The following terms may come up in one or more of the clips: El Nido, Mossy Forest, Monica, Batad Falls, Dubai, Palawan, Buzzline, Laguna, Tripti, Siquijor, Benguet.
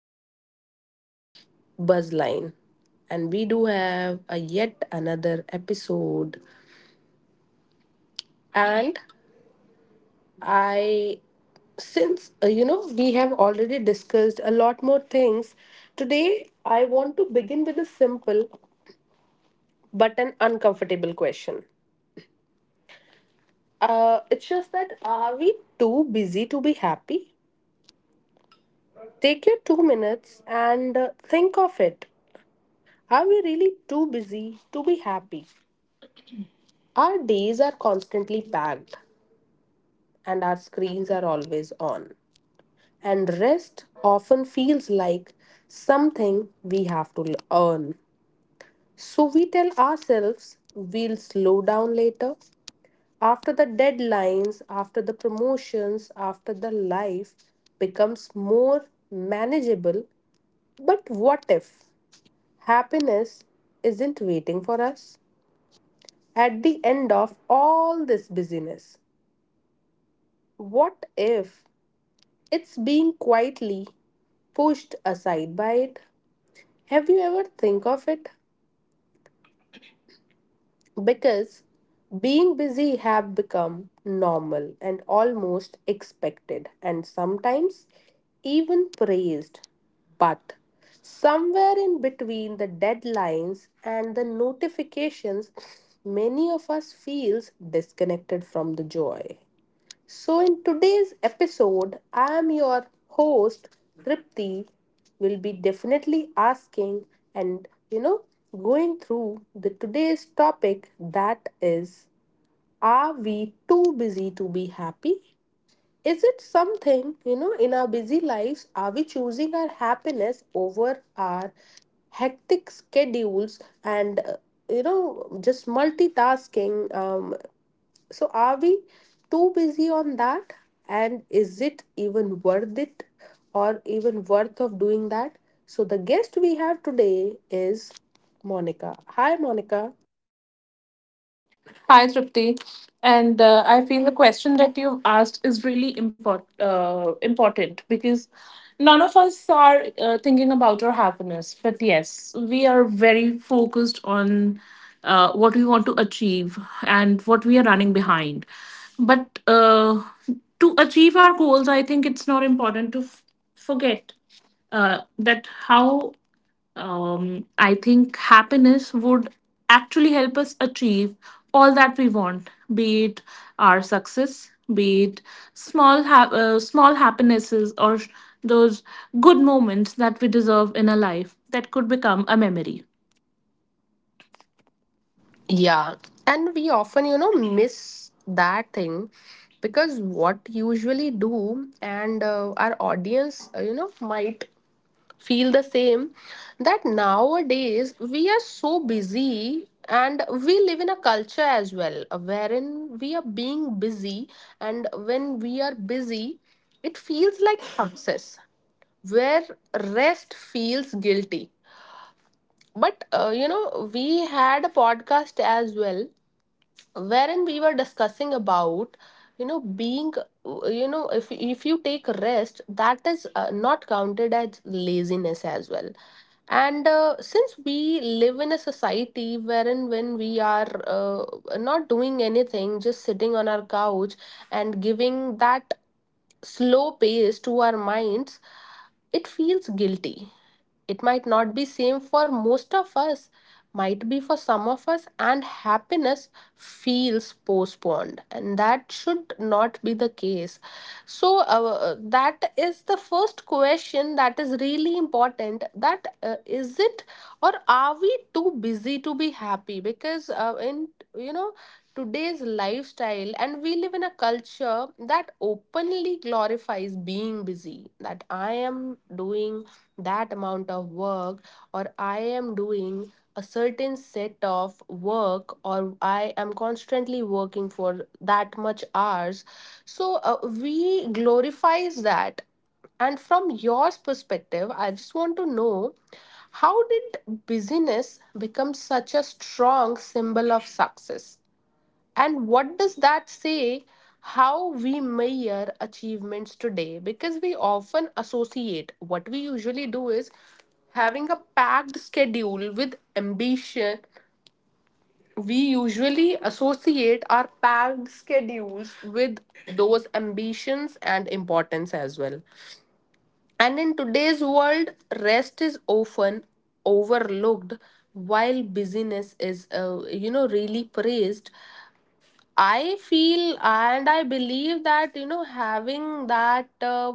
Welcome to Buzzline. And we do have a yet another episode. And I, since we have already discussed a lot more things, today I want to begin with a simple but an uncomfortable question. It's just that are we too busy to be happy? Take your 2 minutes and think of it. Are we really too busy to be happy? Our days are constantly packed and our screens are always on. And rest often feels like something we have to earn. So we tell ourselves we'll slow down later. After the deadlines, after the promotions, after the life becomes more manageable. But what if happiness isn't waiting for us? At the end of all this busyness, what if it's being quietly pushed aside by it? Have you ever think of it? Because being busy have become normal and almost expected and sometimes even praised. But somewhere in between the deadlines and the notifications, many of us feels disconnected from the joy. So, in today's episode, I am your host, Tripti. Will be definitely asking and going through the today's topic, that is, are we too busy to be happy? Is it something, in our busy lives, are we choosing our happiness over our hectic schedules and, just multitasking? So, are we too busy on that? And is it even worth it or even worth of doing that? So, the guest we have today is Monica. Hi, Monica. Hi, Tripti. And I feel the question that you've asked is really important because none of us are thinking about our happiness. But yes, we are very focused on what we want to achieve and what we are running behind. But To achieve our goals, I think it's not important to forget that how I think happiness would actually help us achieve all that we want, be it our success, be it small small happinesses or those good moments that we deserve in a life that could become a memory. Yeah, and we often, miss that thing because what usually do, and our audience, might feel the same that nowadays we are so busy and we live in a culture as well wherein we are being busy, and when we are busy it feels like success, where rest feels guilty. But we had a podcast as well wherein we were discussing about, being, if you take rest, that is not counted as laziness as well. And since we live in a society wherein when we are not doing anything, just sitting on our couch and giving that slow pace to our minds, it feels guilty. It might not be same for most of us, might be for some of us, and happiness feels postponed, and that should not be the case. So that is the first question, that is really important, that is it, or are we too busy to be happy? Because in you know today's lifestyle, and we live in a culture that openly glorifies being busy, that I am doing that amount of work, or I am doing a certain set of work, or I am constantly working for that much hours. So we glorifies that. And from your perspective, I just want to know, how did busyness become such a strong symbol of success, and what does that say? How we measure achievements today? Because we often associate, what we usually do is having a packed schedule with ambition. We usually associate our packed schedules with those ambitions and importance as well. And in today's world, rest is often overlooked, while busyness is really praised, I feel. And I believe that, having that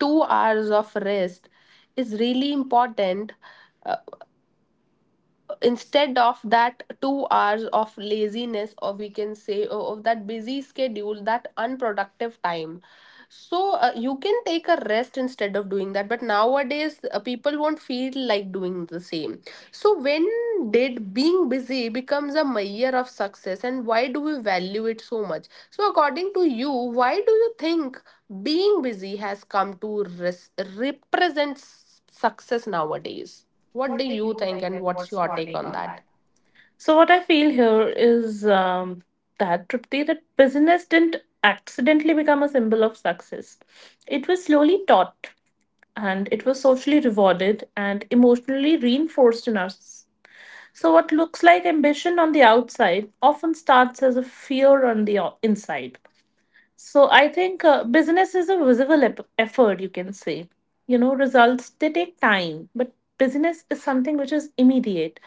2 hours of rest is really important, uh, instead of that 2 hours of laziness, or we can say of that busy schedule, that unproductive time. So you can take a rest instead of doing that, but nowadays people won't feel like doing the same. So when did being busy becomes a measure of success, and why do we value it so much? So according to you, why do you think being busy has come to represent success nowadays? What do you think, and what's your take on that? So what I feel here is that Tripti, that business didn't accidentally become a symbol of success. It was slowly taught and it was socially rewarded and emotionally reinforced in our. So, what looks like ambition on the outside often starts as a fear on the inside. So, I think business is a visible effort, you can say. You know, results, they take time, but business is something which is immediate.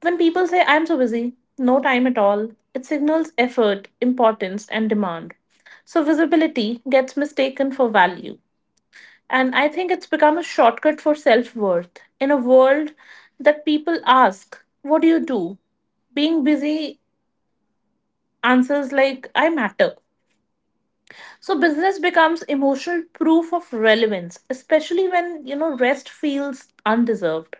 When people say, I'm so busy, no time at all, it signals effort, importance, and demand. So, visibility gets mistaken for value. And I think it's become a shortcut for self worth. In a world that people ask, what do you do? Being busy answers like, I matter. So business becomes emotional proof of relevance, especially when you know rest feels undeserved.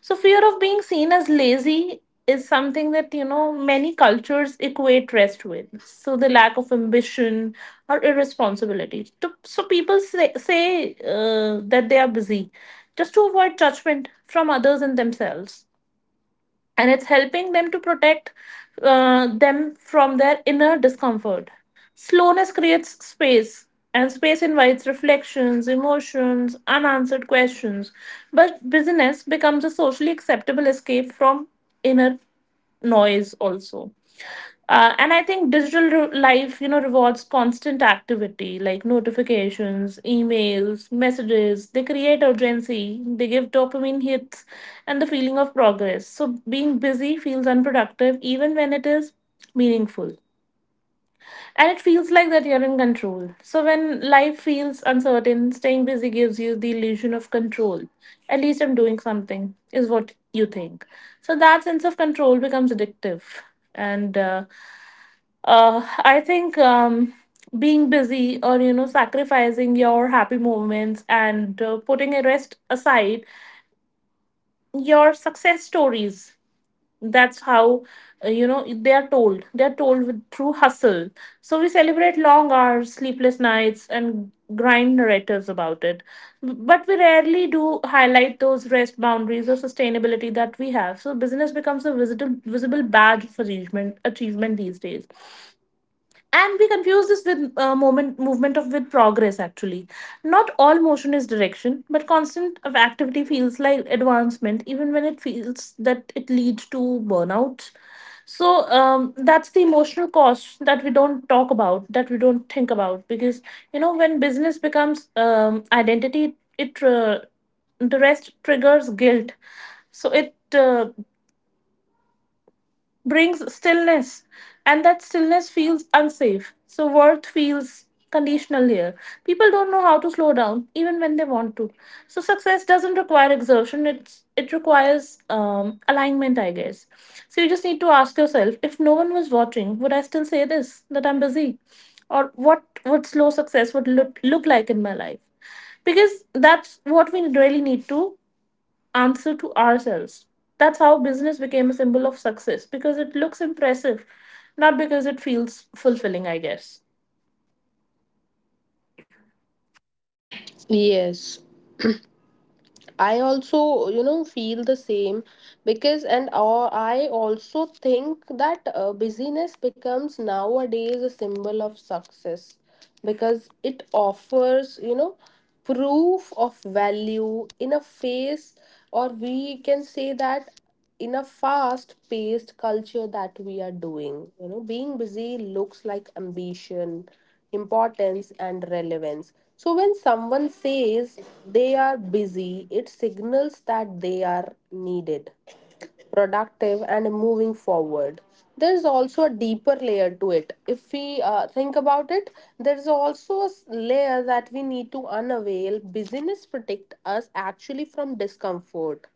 So fear of being seen as lazy is something that you know many cultures equate rest with. So the lack of ambition or irresponsibility. So people say that they are busy just to avoid judgment from others and themselves, and it's helping them to protect them from their inner discomfort. Slowness creates space, and space invites reflections, emotions, unanswered questions. But busyness becomes a socially acceptable escape from inner noise also. And I think digital life, you know, rewards constant activity like notifications, emails, messages. They create urgency, they give dopamine hits and the feeling of progress. So being busy feels unproductive even when it is meaningful, and it feels like that you're in control. So when life feels uncertain, staying busy gives you the illusion of control. At least I'm doing something, is what you think. So that sense of control becomes addictive. And I think being busy, or you know, sacrificing your happy moments and putting a rest aside, your success stories, that's how you know they are told with through hustle. So we celebrate long hours, sleepless nights, and grind narratives about it, but we rarely do highlight those rest boundaries or sustainability that we have. So business becomes a visible badge of achievement these days, and we confuse this with moment movement of with progress actually. Not all motion is direction, but constant of activity feels like advancement even when it feels that it leads to burnout. So that's the emotional cost that we don't think about, because you know when business becomes identity, it the rest triggers guilt. So it brings stillness, and that stillness feels unsafe. So, worth feels conditional here. People don't know how to slow down, even when they want to. So, success doesn't require exertion, it requires alignment, I guess. So, you just need to ask yourself, if no one was watching, would I still say this, that I'm busy? Or what would slow success would look like in my life? Because that's what we really need to answer to ourselves. That's how business became a symbol of success because it looks impressive, not because it feels fulfilling, I guess. Yes, I also, feel the same because, and I also think that busyness becomes nowadays a symbol of success because it offers, proof of value in a phase, or we can say that, in a fast paced culture, that we are doing. Being busy looks like ambition, importance, and relevance. So when someone says they are busy, it signals that they are needed, productive, and moving forward. There's also a deeper layer to it. If we think about it, there's also a layer that we need to unavail. Busyness protect us actually from discomfort.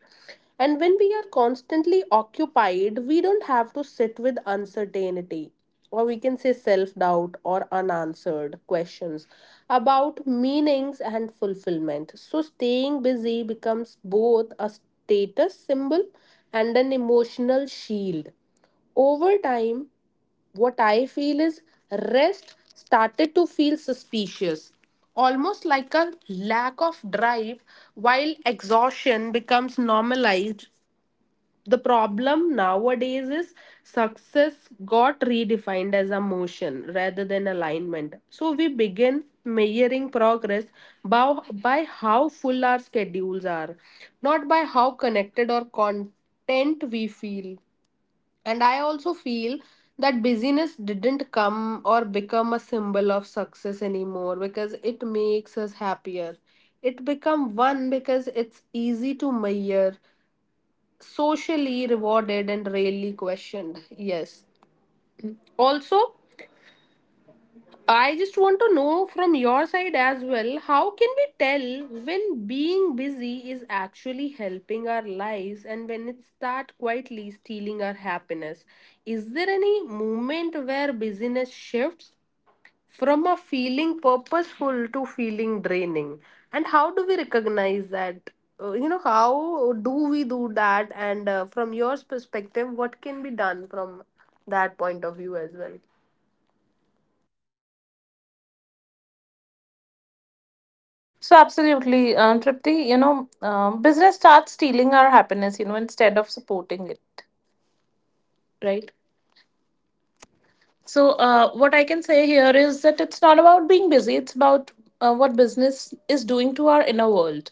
And when we are constantly occupied, we don't have to sit with uncertainty, or we can say self doubt, or unanswered questions about meanings and fulfillment. So, staying busy becomes both a status symbol and an emotional shield. Over time, what I feel is rest started to feel suspicious, almost like a lack of drive, while exhaustion becomes normalized. The problem nowadays is success got redefined as a motion rather than alignment. So we begin measuring progress by how full our schedules are, not by how connected or content we feel. And I also feel that busyness didn't come or become a symbol of success anymore because it makes us happier. It become one because it's easy to measure, socially rewarded, and rarely questioned. Yes. Also, I just want to know from your side as well, how can we tell when being busy is actually helping our lives, and when it start quietly stealing our happiness? Is there any moment where busyness shifts from a feeling purposeful to feeling draining? And how do we recognize that? How do we do that? And from your perspective, what can be done from that point of view as well? So, absolutely, Tripti, you know, business starts stealing our happiness, you know, instead of supporting it, right? So, what I can say here is that it's not about being busy, it's about what business is doing to our inner world.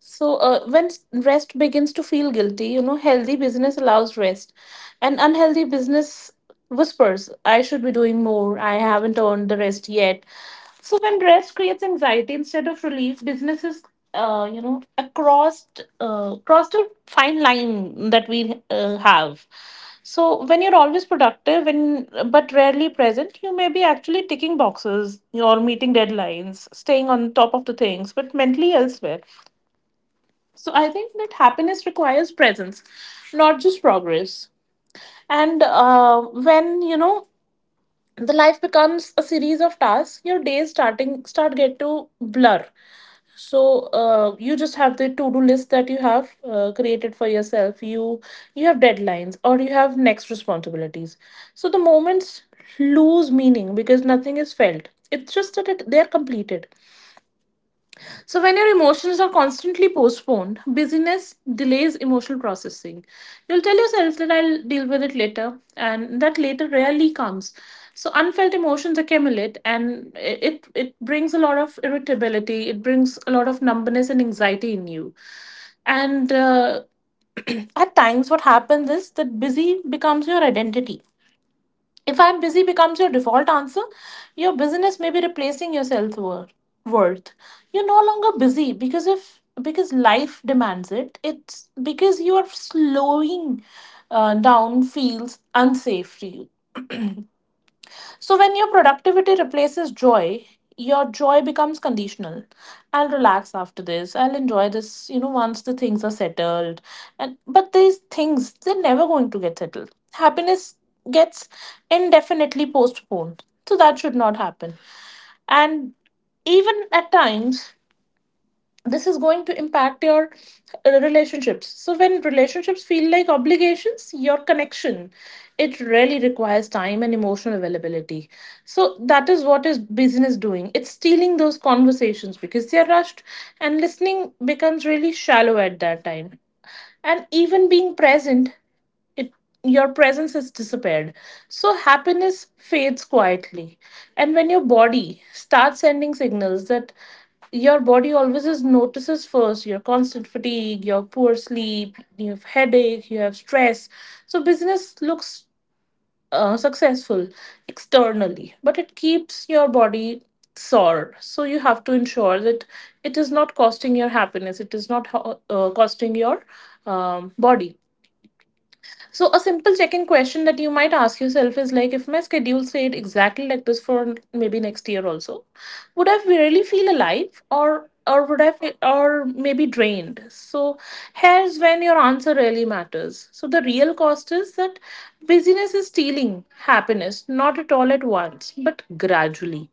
So, when rest begins to feel guilty, you know, healthy business allows rest, and unhealthy business whispers, I should be doing more, I haven't earned the rest yet. So, when rest creates anxiety instead of relief, businesses you know, across cross the fine line that we have. So, when you're always productive when but rarely present, you may be actually ticking boxes or meeting deadlines, staying on top of the things, but mentally elsewhere. So I think that happiness requires presence, not just progress. And When you know the life becomes a series of tasks, your days start get to blur. You just have the to do list that you have created for yourself. You have deadlines or you have next responsibilities. So the moments lose meaning because nothing is felt. It's just that they are completed. So, when your emotions are constantly postponed, busyness delays emotional processing. You'll tell yourself that I'll deal with it later, and that later rarely comes. So, unfelt emotions accumulate, and it brings a lot of irritability. It brings a lot of numbness and anxiety in you, and at times, what happens is that busy becomes your identity. If I'm busy becomes your default answer, your business may be replacing your worth. You're no longer busy because if because life demands it. It's because you are slowing down feels unsafe to you. So, when your productivity replaces joy, your joy becomes conditional. I'll relax after this. I'll enjoy this, you know, once the things are settled. And but these things, they're never going to get settled. Happiness gets indefinitely postponed. So that should not happen. And even at times, this is going to impact your relationships. So when relationships feel like obligations, your connection, it really requires time and emotional availability. So that is what is business doing, it's stealing those conversations because they're rushed, and listening becomes really shallow at that time. And even being present, it, your presence has disappeared. So happiness fades quietly. And when your body starts sending signals that your body always is notices first, your constant fatigue, your poor sleep, you have headache, you have stress. So business looks successful externally, but it keeps your body sore. So you have to ensure that it is not costing your happiness, it is not costing your body. So, a simple check in question that you might ask yourself is like, if my schedule stayed exactly like this for maybe next year also, would I really feel alive or would I feel, or maybe drained? So, here's when your answer really matters. So, the real cost is that busyness is stealing happiness, not at all at once, but gradually,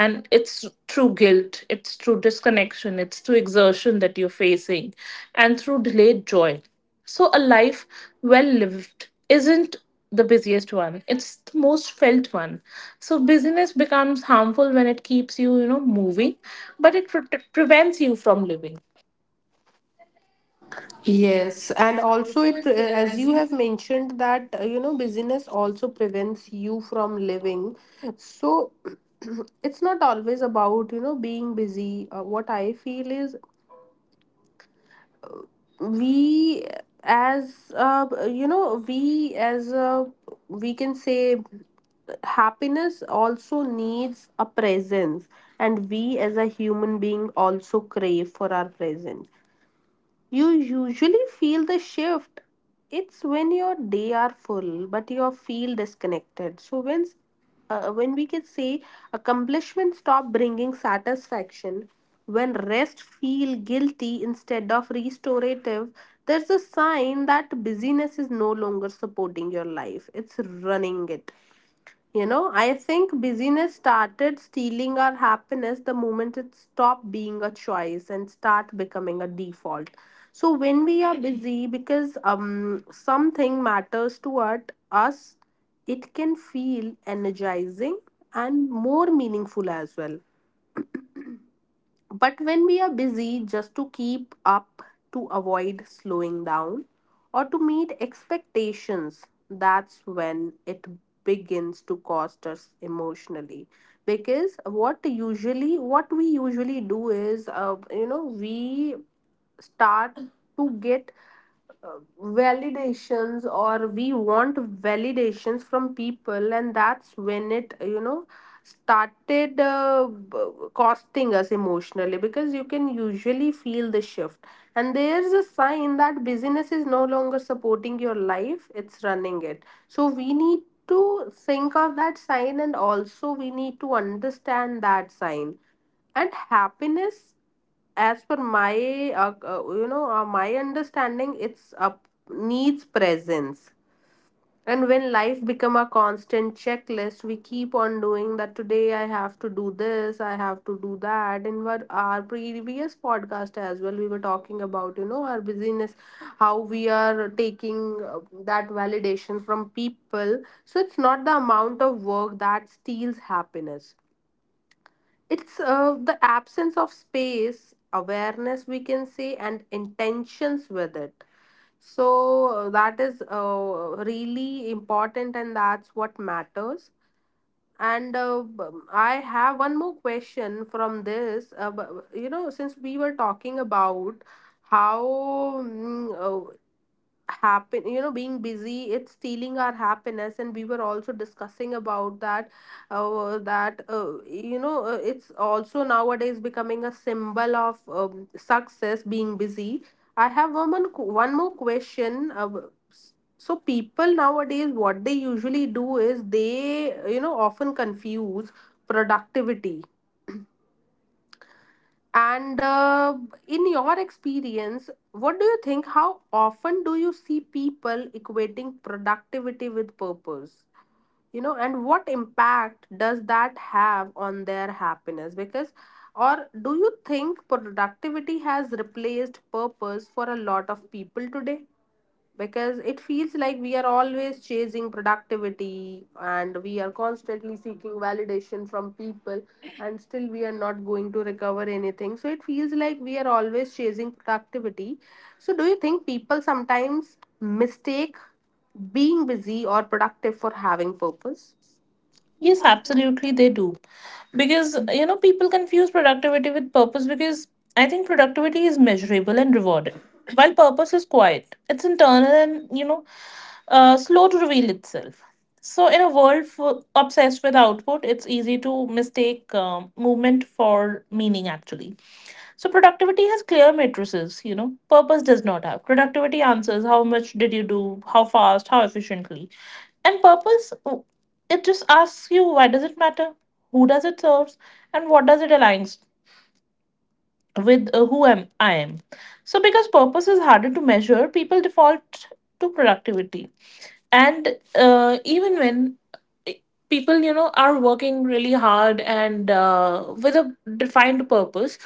and it's through guilt, it's through disconnection, it's through exertion that you're facing, and through delayed joy. So a life well lived isn't the busiest one, it's the most felt one. So busyness becomes harmful when it keeps you, you know, moving, but prevents you from living. Yes, and also it as you have mentioned that, busyness also prevents you from living. So it's not always about, being busy. What I feel is we as we as we can say, happiness also needs a presence, and we as a human being also crave for our presence. You usually feel the shift. It's when your day are full, but you feel disconnected. So when we can say accomplishment stop bringing satisfaction, when rest feel guilty instead of restorative, there's a sign that busyness is no longer supporting your life. It's running it. You know, I think busyness started stealing our happiness the moment it stopped being a choice and start becoming a default. So when we are busy because something matters to us, it can feel energizing and more meaningful as well. But when we are busy just to keep up, to avoid slowing down, or to meet expectations, that's when it begins to cost us emotionally. Because what usually, what we usually do is, we start to get validations, or we want validations from people, and that's when it, started costing us emotionally. Because you can usually feel the shift, and there's a sign that business is no longer supporting your life, it's running it. So we need to think of that sign, and also we need to understand that sign. And happiness, as per my my understanding, it's up, needs presence. And when life become a constant checklist, we keep on doing that, today I have to do this, I have to do that. In our previous podcast as well, we were talking about, our busyness, how we are taking uh, that validation from people. So it's not the amount of work that steals happiness, it's the absence of space, awareness, we can say, and intentions with it. So that is really important, and that's what matters. And uh, b- I have one more question from this. Since we were talking about how mm, happen you know being busy it's stealing our happiness, and we were also discussing about that, it's also nowadays becoming a symbol of success, being busy. I have one more one more question. So people nowadays, what they usually do is, they, often confuse productivity. And in your experience, what do you think? How often do you see people equating productivity with purpose? You know, and what impact does that have on their happiness? Because, or do you think productivity has replaced purpose for a lot of people today? Because it feels like we are always chasing productivity, and we are constantly seeking validation from people, and still we are not going to recover anything. So it feels like we are always chasing productivity. So do you think people sometimes mistake being busy or productive for having purpose? Yes, absolutely, they do. Because, you know, people confuse productivity with purpose because I think productivity is measurable and rewarded, while purpose is quiet. It's internal and, you know, slow to reveal itself. So, in a world full, obsessed with output, it's easy to mistake movement for meaning, actually. So, productivity has clear matrices, you know, purpose does not have. Productivity answers how much did you do, how fast, how efficiently, and purpose, it just asks you, why does it matter, who does it serves, and what does it aligns with who am I am. So because purpose is harder to measure, people default to productivity, and even when eh, people, you know, are working really hard and with a defined purpose,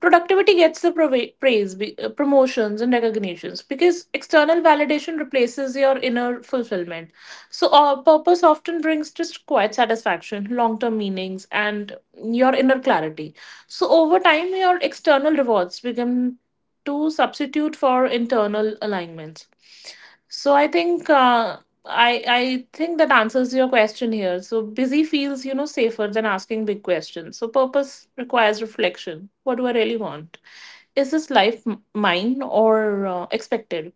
productivity gets the praise, promotions and recognitions, because external validation replaces your inner fulfillment. So purpose often brings just quiet satisfaction, long term meanings, and your inner clarity. So over time your external rewards become to substitute for internal alignments. So I think that answers your question here. So busy feels, you know, safer than asking big questions. So purpose requires reflection. What do I really want? Is this life mine or expected?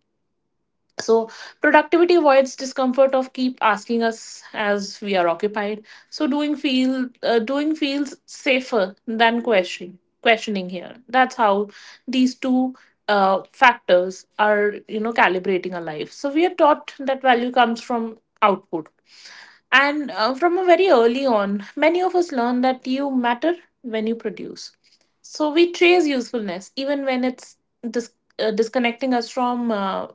So, productivity avoids discomfort of keep asking us as we are occupied. So, doing feels safer than questioning. Questioning here. That's how these two factors are, you know, calibrating our life. So, we are taught that value comes from output, and from a very early on, many of us learn that you matter when you produce. So, we chase usefulness even when it's disconnecting us from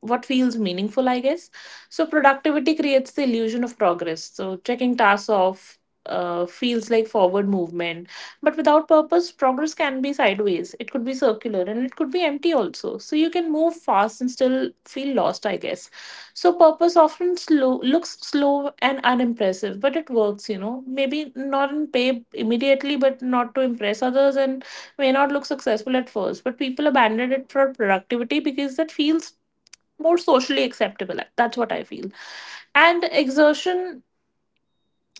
what feels meaningful, I guess. So productivity creates the illusion of progress. So checking tasks off feels like forward movement, but without purpose, progress can be sideways. It could be circular, and it could be empty also. So you can move fast and still feel lost, I guess. So purpose often slow looks slow and unimpressive, but it works. You know, maybe not in pay immediately, but not to impress others, and may not look successful at first, but people abandon it for productivity because that feels more socially acceptable. That's what I feel. And exertion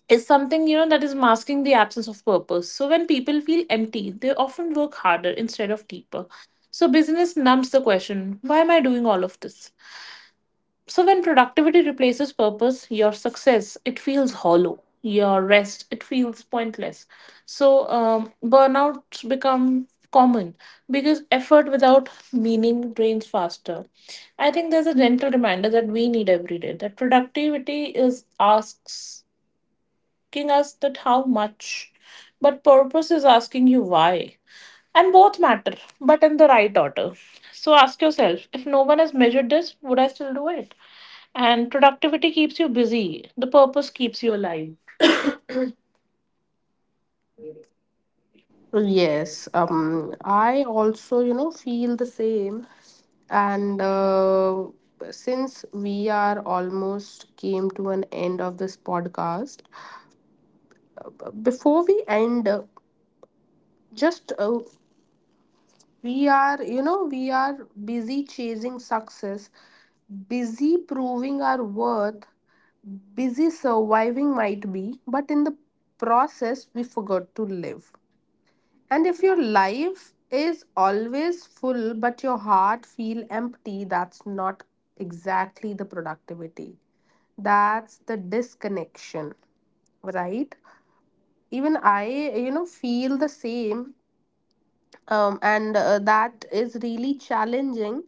is something, you know, that is masking the absence of purpose. So when people feel empty, they often work harder instead of deeper. So business numbs the question, why am I doing all of this? So when productivity replaces purpose, your success, it feels hollow. Your rest, it feels pointless. So burnouts become common because effort without meaning drains faster. I think there's a gentle reminder that we need every day, that productivity is asking us that how much, but purpose is asking you why. And both matter, but in the right order. So ask yourself, if no one has measured this, would I still do it? And productivity keeps you busy, the purpose keeps you alive. Yes, I also, feel the same. And since we are almost came to an end of this podcast, before we end, just we are busy chasing success, busy proving our worth, busy surviving might be, but in the process, we forgot to live. And if your life is always full but your heart feel empty, that's not exactly the productivity. That's the disconnection, right? Even I feel the same and that is really challenging.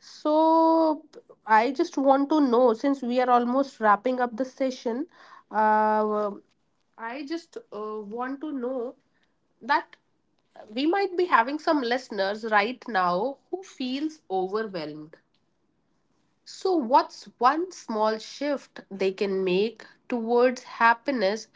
So I just want to know since we are almost wrapping up the session, uh, I just want to know that we might be having some listeners right now who feels overwhelmed. So what's one small shift they can make towards happiness,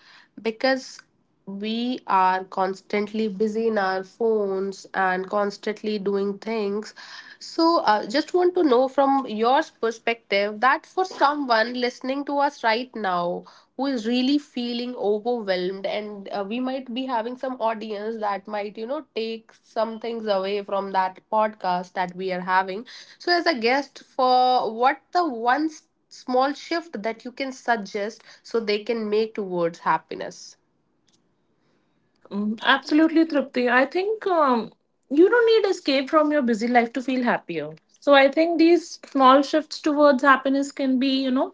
because we are constantly busy in our phones and constantly doing things? So, just want to know from your perspective that for someone listening to us right now who is really feeling overwhelmed, and we might be having some audience that might, you know, take some things away from that podcast that we are having. So as a guest, for what the one s- small shift that you can suggest so they can make towards happiness? Mm, absolutely, Tripti. I think you don't need escape from your busy life to feel happier. So I think these small shifts towards happiness can be, you know,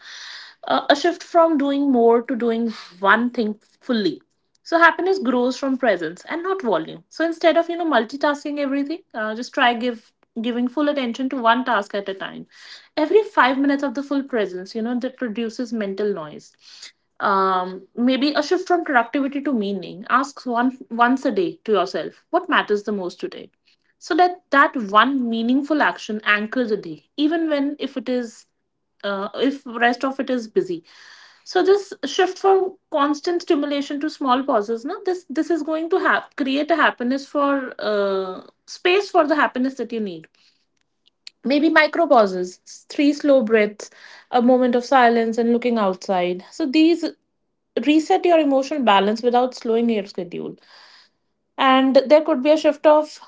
a shift from doing more to doing one thing fully. So happiness grows from presence and not volume. So instead of, you know, multitasking everything, just try give giving full attention to one task at a time. Every 5 minutes of the full presence, you know, that reduces mental noise. Maybe a shift from productivity to meaning. Ask one once a day to yourself, what matters the most today? So that one meaningful action anchors the day, even when if it is if rest of it is busy. So this shift from constant stimulation to small pauses. No, this is going to have create a happiness for space for the happiness that you need. Maybe micro pauses, three slow breaths, a moment of silence, and looking outside. So these reset your emotional balance without slowing your schedule. And there could be a shift of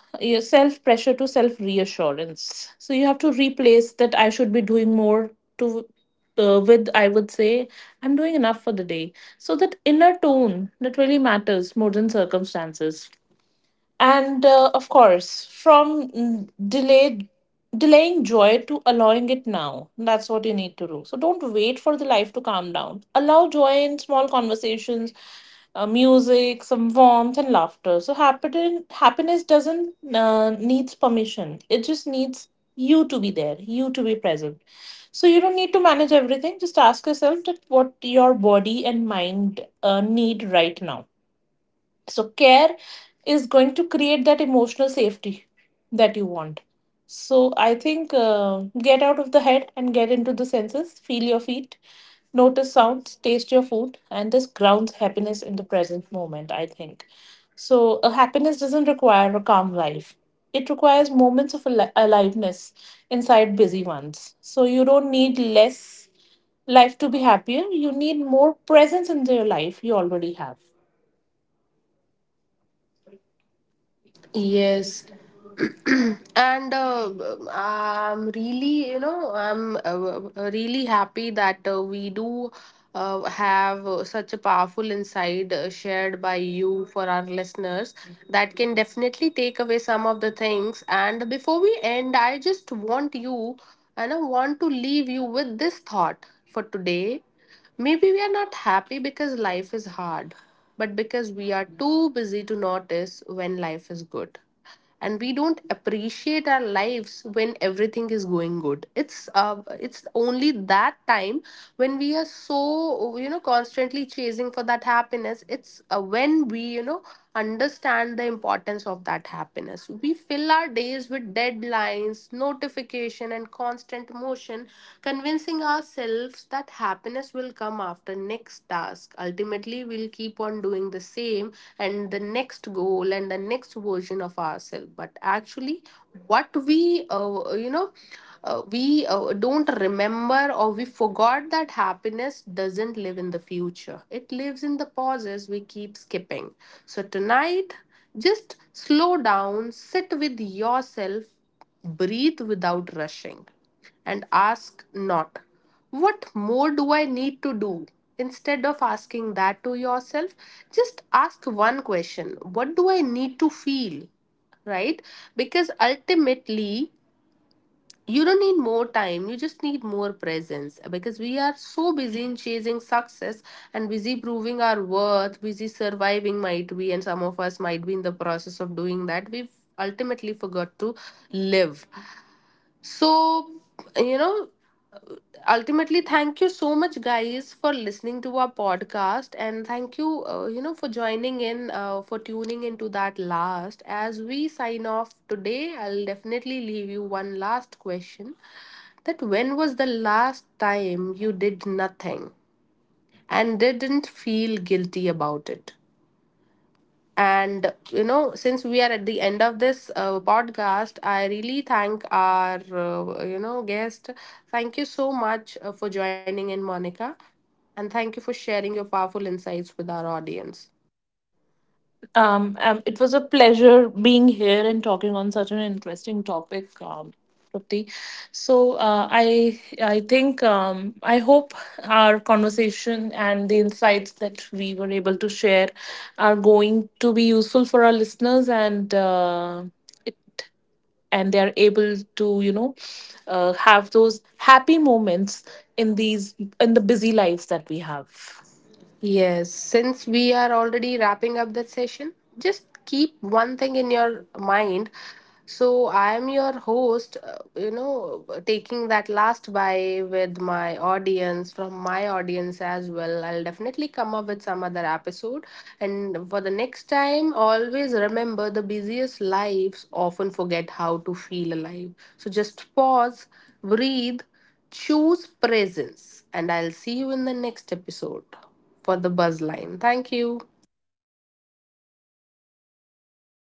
self pressure to self reassurance. So you have to replace that I should be doing more to. With I would say I'm doing enough for the day, so that inner tone that really matters more than circumstances. And of course, from delayed delaying joy to allowing it now. That's what you need to do. So don't wait for the life to calm down. Allow joy in small conversations, music, some warmth, and laughter. So happiness doesn't needs permission. It just needs you to be there, you to be present. So you don't need to manage everything. Just ask yourself that what your body and mind need right now. So care is going to create that emotional safety that you want. So I think get out of the head and get into the senses. Feel your feet, notice sounds, taste your food, and this grounds happiness in the present moment, I think so. A happiness doesn't require a calm life. It requires moments of aliveness inside busy ones. So you don't need less life to be happier. You need more presence in your life you already have. Yes, and I'm really, I'm really happy that we do have such a powerful insight shared by you for our listeners that can definitely take away some of the things. And before we end, I just want you, and I want to leave you with this thought for today. Maybe we are not happy because life is hard, but because we are too busy to notice when life is good. And we don't appreciate our lives when everything is going good. It's it's only that time when we are so, you know, constantly chasing for that happiness. It's when we, you know, understand the importance of that happiness. We fill our days with deadlines, notification and constant motion, convincing, promising ourselves that happiness will come after next task. Ultimately, we'll keep on doing the same, and the next goal and the next version of ourselves. But actually, what we you know we don't remember, or we forgot, that happiness doesn't live in the future. It lives in the pauses we keep skipping. So tonight, just slow down, sit with yourself, breathe without rushing, and ask not, "What more do I need to do?" Instead of asking that to yourself, just ask one question: "What do I need to feel?" Right? Because ultimately, you don't need more time, you just need more presence. Because we are so busy in chasing success and busy proving our worth, busy surviving, might be, and some of us might be in the process of doing that. We've ultimately forgot to live. So, you know, ultimately, thank you so much, guys, for listening to our podcast. And thank you, for joining in, for tuning into that last. As we sign off today, I'll definitely leave you one last question: that when was the last time you did nothing and didn't feel guilty about it? And you know, since we are at the end of this podcast, I really thank our guest. Thank you so much for joining in, Monica, and thank you for sharing your powerful insights with our audience. It was a pleasure being here and talking on such an interesting topic, Trupti. So I think I hope our conversation and the insights that we were able to share are going to be useful for our listeners, and it and they are able to, you know, have those happy moments in these in the busy lives that we have. Yes, since we are already wrapping up the session, just keep one thing in your mind. So, I am your host, taking that last buy with my audience, from my audience as well. I'll definitely come up with some other episode. And for the next time, always remember the busiest lives often forget how to feel alive. So, just pause, breathe, choose presence, and I'll see you in the next episode for the buzz line. Thank you.